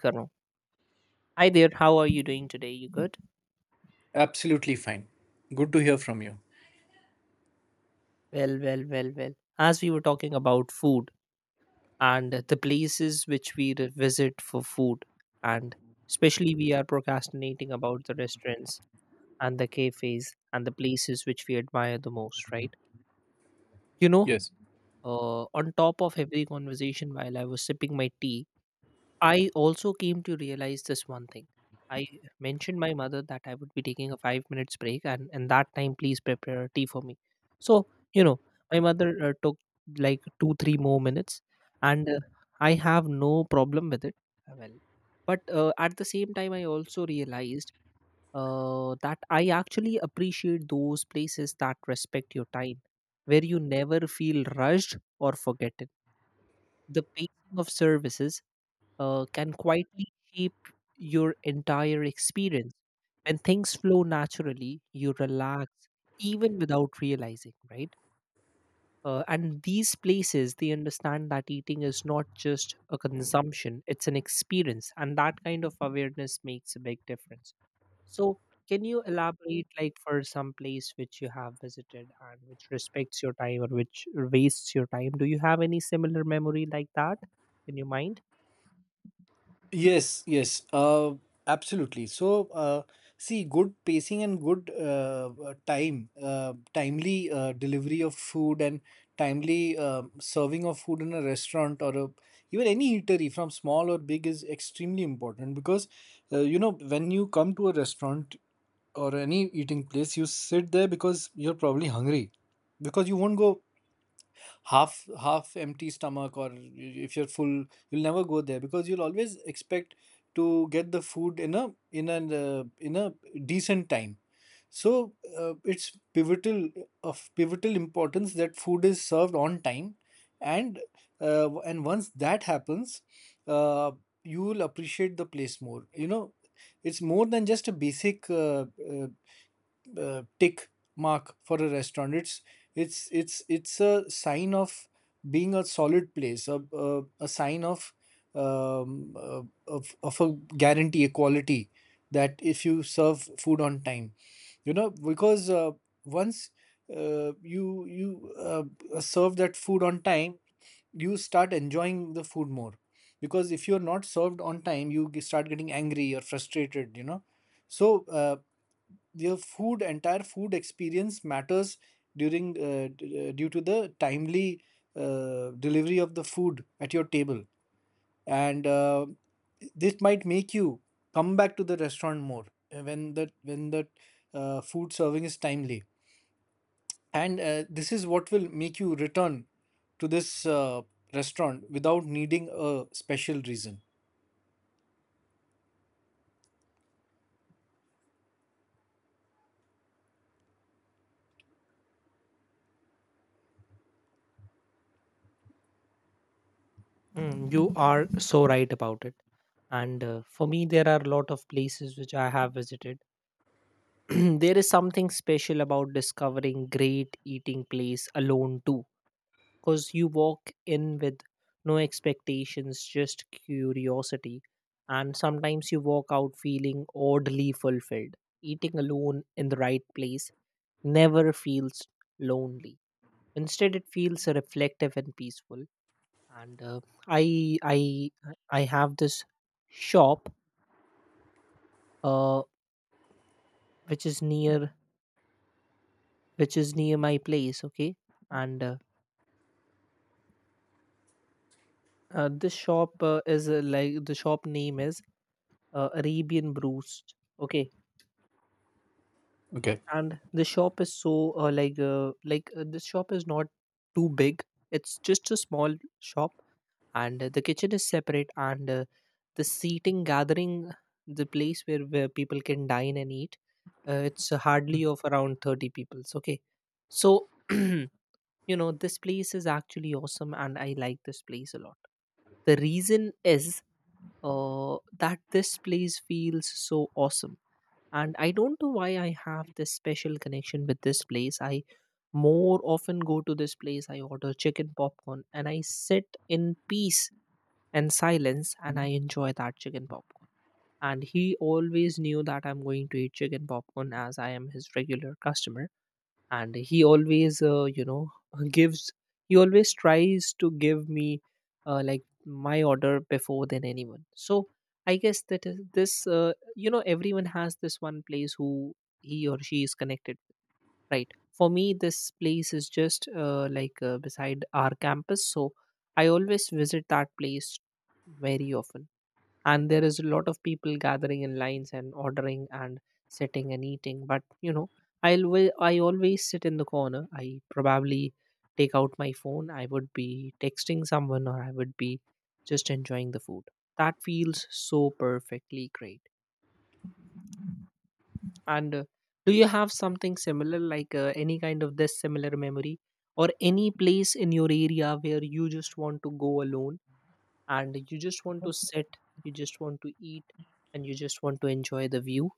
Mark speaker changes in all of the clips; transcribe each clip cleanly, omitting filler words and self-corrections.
Speaker 1: Karo. Hi there, how are you doing today? You good?
Speaker 2: Absolutely fine. Good to hear from you.
Speaker 1: Well, well, well, well. As we were talking about food and the places which we visit for food, and especially we are procrastinating about the restaurants and the cafes and the places which we admire the most, right? You know,
Speaker 2: Yes.
Speaker 1: on top of every conversation while I was sipping my tea, I also came to realize this one thing. I mentioned my mother that I would be taking a 5 minutes break, and in that time, please prepare a tea for me. So you know, my mother took like two, three more minutes, and I have no problem with it. Well, but at the same time, I also realized that I actually appreciate those places that respect your time, where you never feel rushed or forgotten. The pacing of services can quietly shape your entire experience. When things flow naturally, you relax even without realizing, right? And these places, they understand that eating is not just a consumption, it's an experience. And that kind of awareness makes a big difference. So, can you elaborate, like, for some place which you have visited and which respects your time or which wastes your time? Do you have any similar memory like that in your mind?
Speaker 2: Yes. Absolutely. See, good pacing and good, timely delivery of food and timely serving of food in a restaurant or even any eatery from small or big is extremely important because, you know, when you come to a restaurant or any eating place, you sit there because you're probably hungry because you won't go half empty stomach, or if you're full you'll never go there, because you'll always expect to get the food in a decent time. So it's pivotal importance that food is served on time. And uh, and once that happens, uh, you will appreciate the place more, you know. It's more than just a basic tick mark for a restaurant. It's a sign of being a solid place, a sign of um, uh, a guarantee, a quality, that if you serve food on time, you know. Because once you serve that food on time, you start enjoying the food more, because if you're not served on time you start getting angry or frustrated, you know. So your entire food experience matters due to the timely delivery of the food at your table, and this might make you come back to the restaurant more when the food serving is timely. And this is what will make you return to this restaurant without needing a special reason.
Speaker 1: Mm, you are so right about it. And for me, there are a lot of places which I have visited. There is something special about discovering great eating place alone too, because you walk in with no expectations, just curiosity, and sometimes you walk out feeling oddly fulfilled. Eating alone in the right place never feels lonely. Instead, it feels reflective and peaceful. And uh, i i i have this shop, uh, which is near which is near my place. Okay. And this shop is, like, the shop name is, Arabian Brews. Okay.
Speaker 2: Okay.
Speaker 1: And the shop is so, like, like this shop is not too big. It's just a small shop, and the kitchen is separate. And the seating gathering, the place where people can dine and eat, it's hardly of around 30 people. So, okay. So this place is actually awesome, and I like this place a lot. The reason is that this place feels so awesome. And I don't know why I have this special connection with this place. I more often go to this place. I order chicken popcorn and I sit in peace and silence and I enjoy that chicken popcorn. And he always knew that I'm going to eat chicken popcorn as I am his regular customer. And he always gives he always tries to give me, like, my order before than anyone. So I guess that is this, everyone has this one place who he or she is connected, right? For me, this place is just, like, beside our campus. So I always visit that place very often. And there is a lot of people gathering in lines and ordering and sitting and eating. But you know, I always sit in the corner. I probably take out my phone, I would be texting someone, or I would be just enjoying the food. That feels so perfectly great. And do you have something similar, like, any kind of this similar memory, or any place in your area where you just want to go alone and you just want to sit, you just want to eat, and you just want to enjoy the view?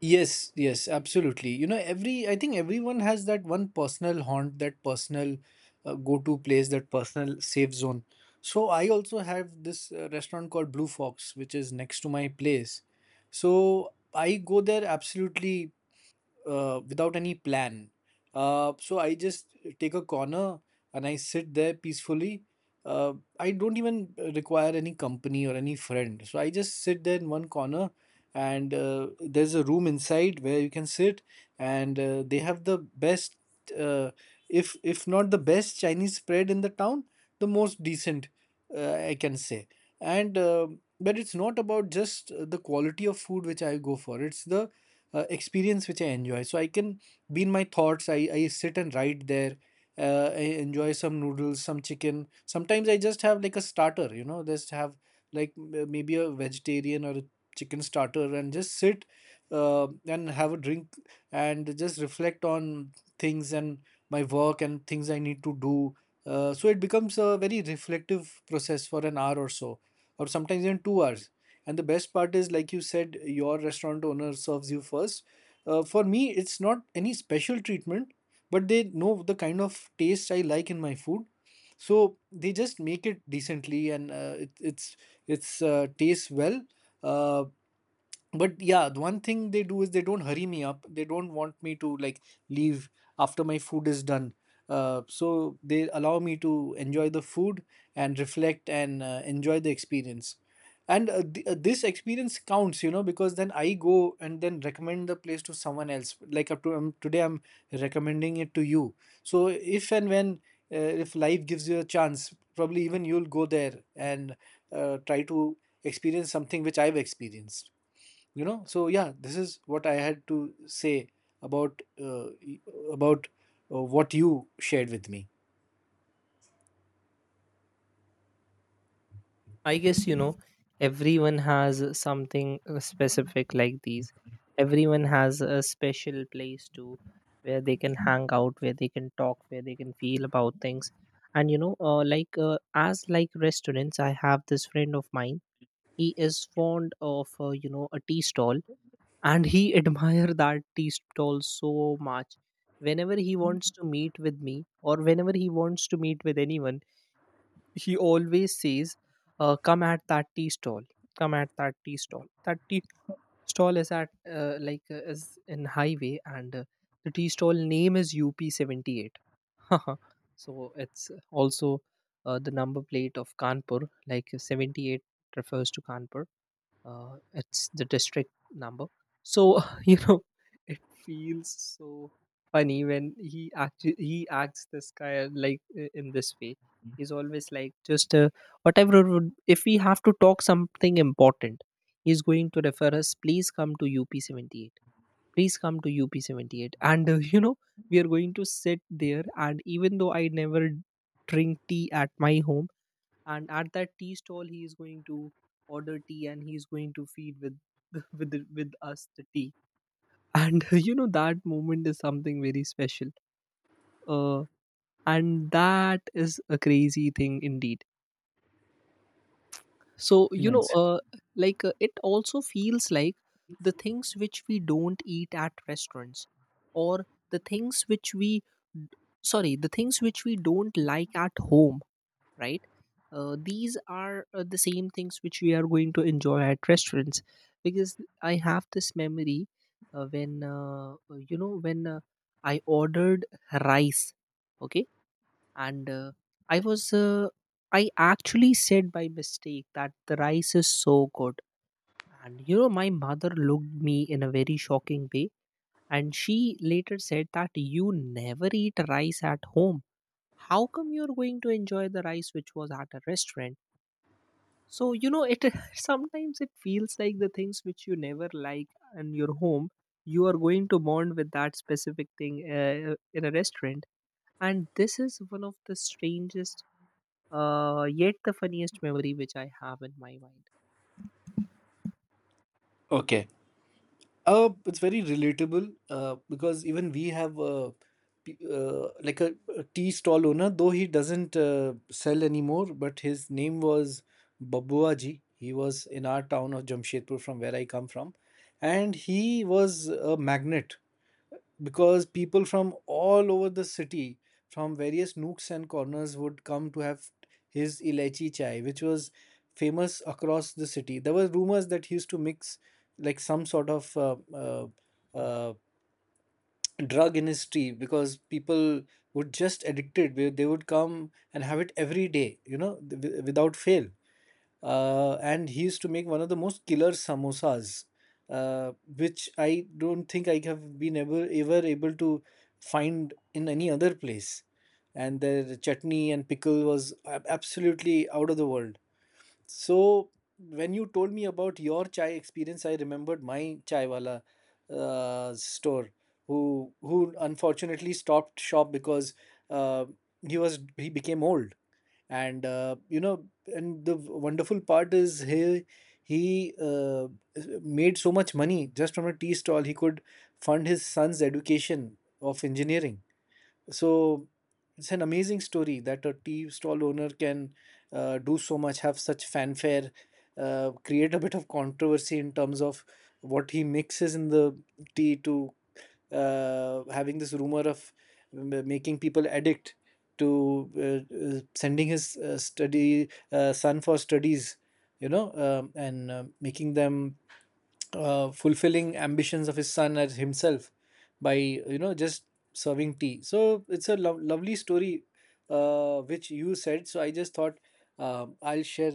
Speaker 2: Yes, absolutely. You know, every I think everyone has that one personal haunt, that personal go-to place, that personal safe zone. So I also have this restaurant called Blue Fox, which is next to my place. So I go there absolutely without any plan. So I just take a corner and I sit there peacefully. Uh, I don't even require any company or any friend. So I just sit there in one corner, and there's a room inside where you can sit, and they have the best, uh, if not the best Chinese spread in the town, the most decent, I can say. And but it's not about just the quality of food which I go for. It's the experience which I enjoy. So I can be in my thoughts. I sit and write there. I enjoy some noodles, some chicken. Sometimes I just have like a starter, you know, just have like maybe a vegetarian or a chicken starter, and just sit and have a drink and just reflect on things and my work and things I need to do. So it becomes a very reflective process for an hour or so, or sometimes even 2 hours. And the best part is, like you said, your restaurant owner serves you first. For me, it's not any special treatment, but they know the kind of taste I like in my food. So they just make it decently, and it, it's tastes well. Uh, but yeah, the one thing they do is they don't hurry me up. They don't want me to like leave after my food is done. So they allow me to enjoy the food and reflect, and enjoy the experience. And this experience counts, you know, because then I go and then recommend the place to someone else, like up to today I'm recommending it to you. So if and when, uh, if life gives you a chance, probably even you'll go there and try to experience something which I've experienced, you know. So yeah, this is what I had to say about uh, y- about what you shared with me.
Speaker 1: I guess, you know, everyone has something specific like these. Everyone has a special place to where they can hang out, where they can talk, where they can feel about things. And you know, like, as like restaurants, I have this friend of mine. He is fond of, a tea stall, and he admire that tea stall so much. Whenever he wants to meet with me or whenever he wants to meet with anyone, he always says, come at that tea stall, come at that tea stall. That tea stall is at like is in highway, and the tea stall name is up78. So it's also the number plate of Kanpur. Like, 78 refers to Kanpur. It's the district number. So you know, it feels so funny when he acts this guy like, in this way. He's always like, just, whatever would, if we have to talk something important, he's going to refer us, please come to up78, please come to up78, and we are going to sit there. And even though I never drink tea at my home, and at that tea stall he is going to order tea, and he's going to feed with with us the tea. And that moment is something very special. uh, and that is a crazy thing indeed. So you know,
Speaker 2: Nice.
Speaker 1: like, it also feels like the things which we don't eat at restaurants, or the things which we the things which we don't like at home, right? These are the same things which we are going to enjoy at restaurants. Because I have this memory, when I ordered rice, okay? And I was, uh, I actually said by mistake that the rice is so good. And, you know, my mother looked me in a very shocking way. And she later said that you never eat rice at home. How come you're going to enjoy the rice which was at a restaurant? So you know, it, sometimes it feels like the things which you never like in your home, you are going to bond with that specific thing, in a restaurant. And this is one of the strangest, yet the funniest memory which I have in my mind.
Speaker 2: Okay. It's very relatable, because even we have a tea stall owner, though he doesn't sell anymore. But his name was Babua Ji. He was in our town of Jamshedpur, from where I come from, and he was a magnet, because people from all over the city, from various nooks and corners, would come to have his ilachi chai, which was famous across the city. There were rumors that he used to mix like some sort of uh, drug in his tea, because people would just addicted. They would come and have it every day, you know, without fail. And he used to make one of the most killer samosas, which I don't think I have been ever able to find in any other place. And their chutney and pickle was absolutely out of the world. So when you told me about your chai experience, I remembered my chaiwala store, who unfortunately stopped shop because uh, he was he became old. And you know, and the wonderful part is he made so much money just from a tea stall, he could fund his son's education of engineering. So it's an amazing story that a tea stall owner can do so much, have such fanfare, create a bit of controversy in terms of what he mixes in the tea, to having this rumor of making people addict, to sending his study son for studies, you know. And making them fulfilling ambitions of his son as himself, by, you know, just serving tea. So it's a lovely story which you said. So I just thought I'll share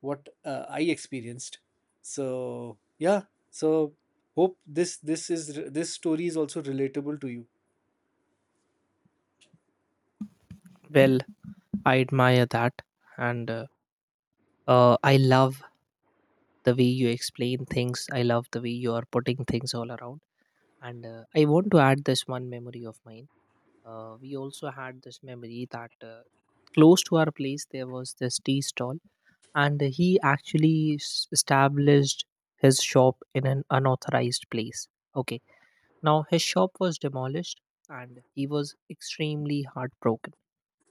Speaker 2: what I experienced. So yeah. So hope this story is also relatable to you.
Speaker 1: Well, I admire that, and I love the way you explain things. I love the way you are putting things all around. And I want to add this one memory of mine. We also had this memory that, close to our place there was this tea stall, and he actually established his shop in an unauthorized place. Okay. Now his shop was demolished, and he was extremely heartbroken,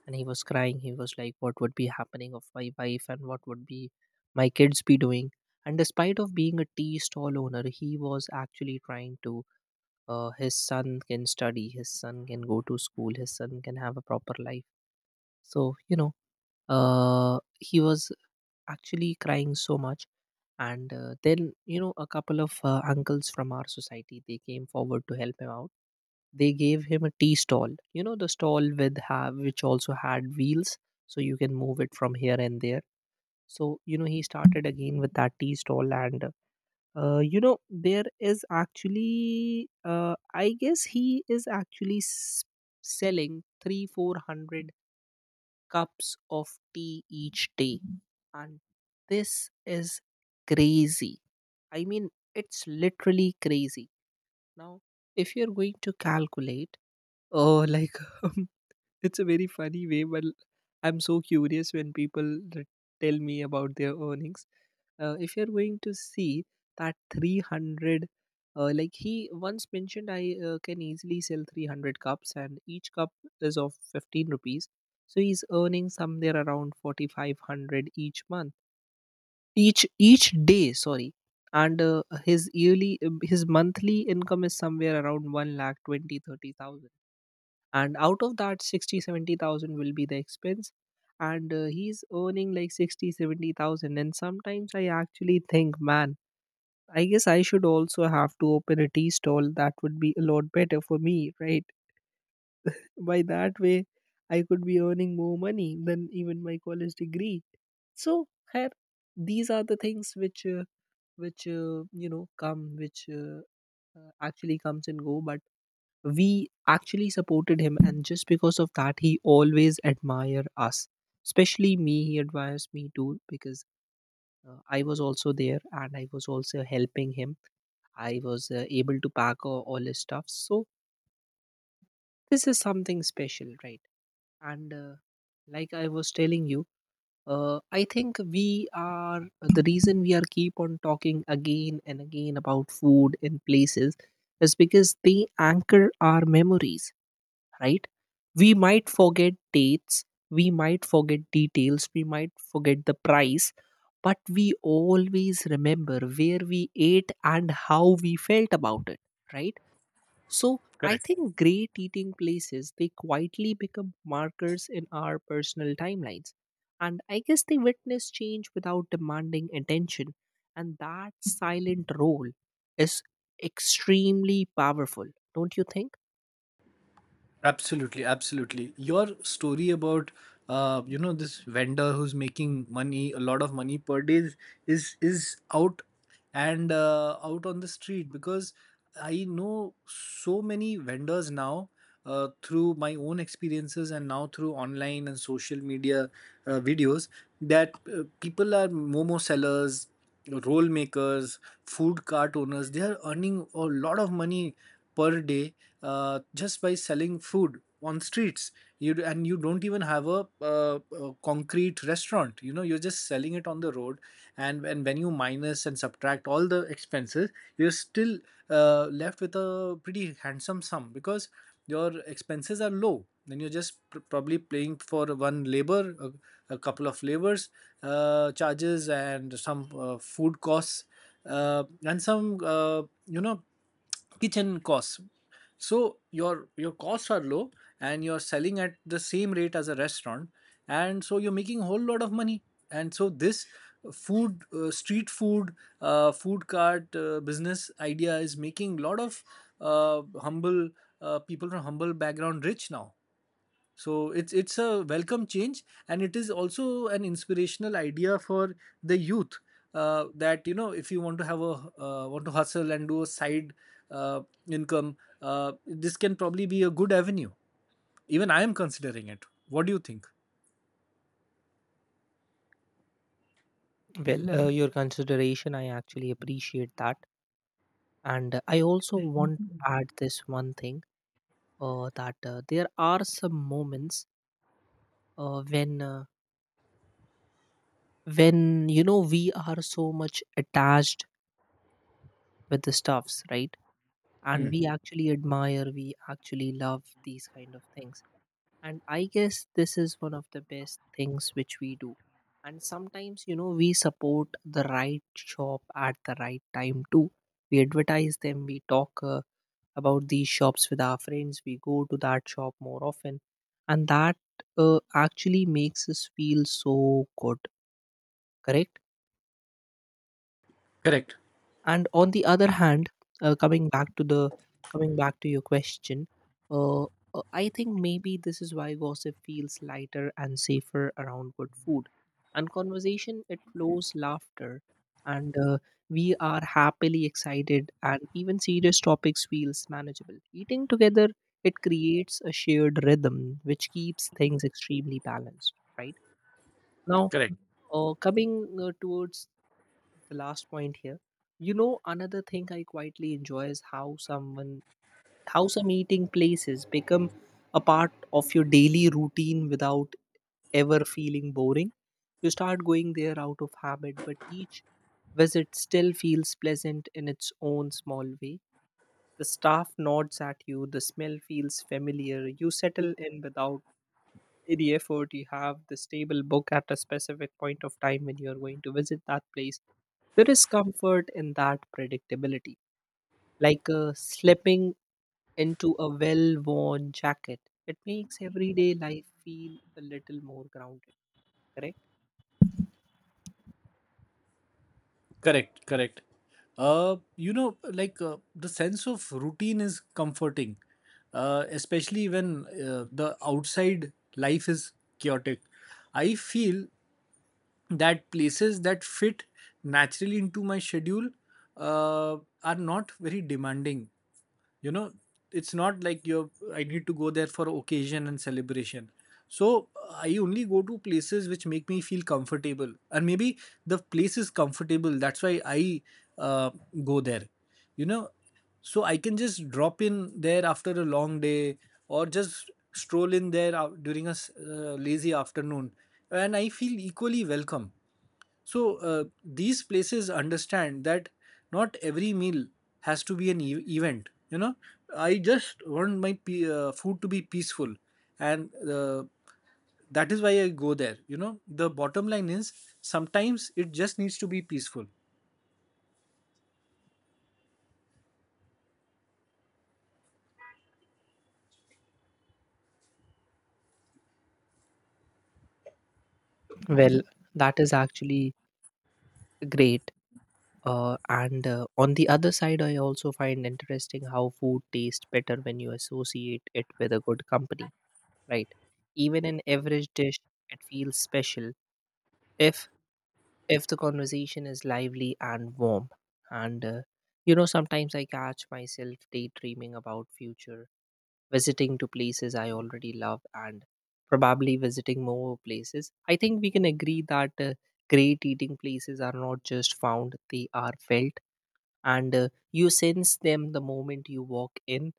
Speaker 1: and he was crying. He was like, what would be happening of my wife, and what would be my kids be doing. And despite of being a tea stall owner, he was actually trying to, his son can study, his son can go to school, his son can have a proper life. So you know, he was actually crying so much. And then, a couple of uncles from our society, they came forward to help him out. They gave him a tea stall, you know, the stall with have which also had wheels, so you can move it from here and there. So you know, he started again with that tea stall. And you know, there is actually, I guess he is actually selling three, 400 cups of tea each day. And this is crazy. I mean, it's literally crazy. Now, if you're going to calculate, oh, like, it's a very funny way. But I'm so curious when people tell me about their earnings. If you're going to see that 300, like, he once mentioned, I can easily sell 300 cups, and each cup is of 15 rupees. So he's earning somewhere around 4,500 each month, each day. Sorry, and his monthly income is somewhere around 1 lakh 20-30 thousand, and out of that 60-70 thousand will be the expense. And he's earning like 60-70 thousand. And sometimes I actually think, man, I guess I should also have to open a tea stall. That would be a lot better for me, right? By that way, I could be earning more money than even my college degree. So her, these are the things which, which you know come which actually comes and go. But we actually supported him, and just because of that, he always admire us, especially me. He admires me too. Because I was also there, and I was also helping him. I was able to pack all his stuff. So this is something special, right? And like I was telling you, I think we are the reason we are keep on talking again and again about food in places, is because they anchor our memories, right? We might forget dates, we might forget details, we might forget the price, but we always remember where we ate and how we felt about it, right? So I
Speaker 2: Correct.
Speaker 1: think great eating places they quietly become markers in our personal timelines. And I guess they witness change without demanding attention. And that silent role is extremely powerful, don't you think?
Speaker 2: Absolutely, absolutely. Your story about you know, this vendor who's making money, a lot of money per day, is is out, and out on the street. Because I know so many vendors now through my own experiences, and now through online and social media videos, that people are momo sellers, roll makers, food cart owners. They are earning a lot of money per day, just by selling food on streets. And you don't even have a concrete restaurant, you know, you're just selling it on the road. And when you minus and subtract all the expenses, you're still left with a pretty handsome sum, because your expenses are low. Then you're just probably paying for one labor, a couple of labors charges, and some food costs, and some you know, kitchen costs. So your costs are low, and you're selling at the same rate as a restaurant, and so you're making a whole lot of money. And so this food street food, food cart, business idea is making a lot of humble, people from humble background rich now. So it's a welcome change, and it is also an inspirational idea for the youth, that, you know, if you want to have a want to hustle and do a side uh, income, this can probably be a good avenue. Even I am considering it. What do you think?
Speaker 1: Well, your consideration, I actually appreciate that. And I also want to add this one thing that there are some moments uh, when, uh, when, you know, we are so much attached with the stuffs, right? And
Speaker 2: Hmm.
Speaker 1: we actually admire, we actually love these kind of things. And I guess this is one of the best things which we do. And sometimes, you know, we support the right shop at the right time too. We advertise them, we talk. About these shops with our friends. We go to that shop more often, and that actually makes us feel so good. Correct.
Speaker 2: Correct.
Speaker 1: And on the other hand, uh, coming back to the coming back to your question, uh, I think maybe this is why gossip feels lighter and safer around good food, and conversation it flows laughter, and we are happily excited, and even serious topics feels manageable. Eating together it creates a shared rhythm which keeps things extremely balanced. Right now,
Speaker 2: Correct.
Speaker 1: coming towards the last point here, you know, another thing I quietly enjoy is how someone, how some eating places become a part of your daily routine without ever feeling boring. You start going there out of habit, but each visit still feels pleasant in its own small way. The staff nods at you, the smell feels familiar, you settle in without the effort, you have the stable book at a specific point of time when you're going to visit that place. There is comfort in that predictability, like slipping into a well-worn jacket. It makes everyday life feel a little more grounded. Correct.
Speaker 2: Correct. Correct. You know, like the sense of routine is comforting, especially when the outside life is chaotic. I feel that places that fit naturally into my schedule uh, are not very demanding, you know. It's not like you're, I need to go there for occasion and celebration. So I only go to places which make me feel comfortable, and maybe the place is comfortable, that's why I uh, go there, you know. So I can just drop in there after a long day, or just stroll in there during a lazy afternoon, and I feel equally welcome. So these places understand that not every meal has to be an event. You know, I just want my food to be peaceful, and that is why I go there. You know, the bottom line is, sometimes it just needs to be peaceful.
Speaker 1: Well, that is actually great. And On the other side, I also find interesting how food tastes better when you associate it with a good company, right? Even an average dish, it feels special if if the conversation is lively and warm. And You know, sometimes I catch myself daydreaming about future, visiting to places I already love, and probably visiting more places. I think we can agree that great eating places are not just found, they are felt. And you sense them the moment you walk in.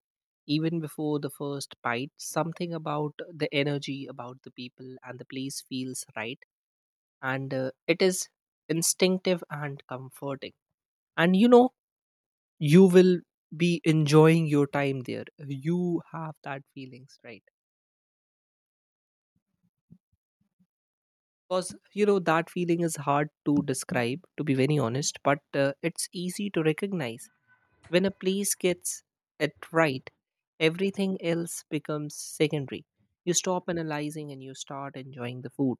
Speaker 1: Even before the first bite, something about the energy, about the people and the place, feels right. And it is instinctive and comforting. And you know, you will be enjoying your time there, you have that feelings, right? Because you know that feeling is hard to describe, to be very honest, but it's easy to recognize. When a place gets it right, everything else becomes secondary. You stop analyzing and you start enjoying the food.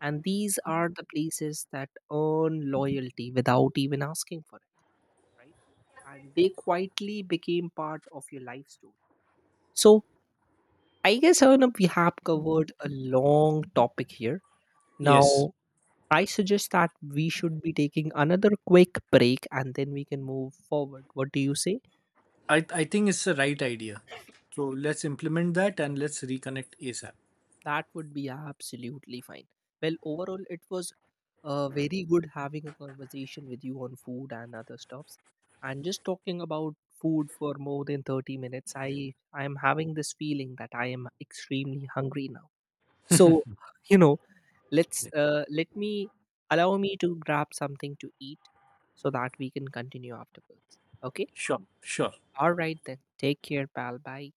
Speaker 1: And these are the places that earn loyalty without even asking for it, right? And they quietly became part of your life story. So I guess, Arnab, we have covered a long topic here.
Speaker 2: Yes,
Speaker 1: Now I suggest that we should be taking another quick break and then we can move forward. What do you say?
Speaker 2: I think it's the right idea. So let's implement that, and let's reconnect ASAP.
Speaker 1: That would be absolutely fine. Well, overall, it was very good having a conversation with you on food and other stuffs. And just talking about food for more than 30 minutes, I am having this feeling that I am extremely hungry now. So, you know, let's
Speaker 2: Yeah.
Speaker 1: uh, let me allow me to grab something to eat so that we can continue afterwards. Okay?
Speaker 2: Sure, sure.
Speaker 1: All right then. Take care, pal. Bye.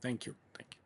Speaker 2: Thank you. Thank you.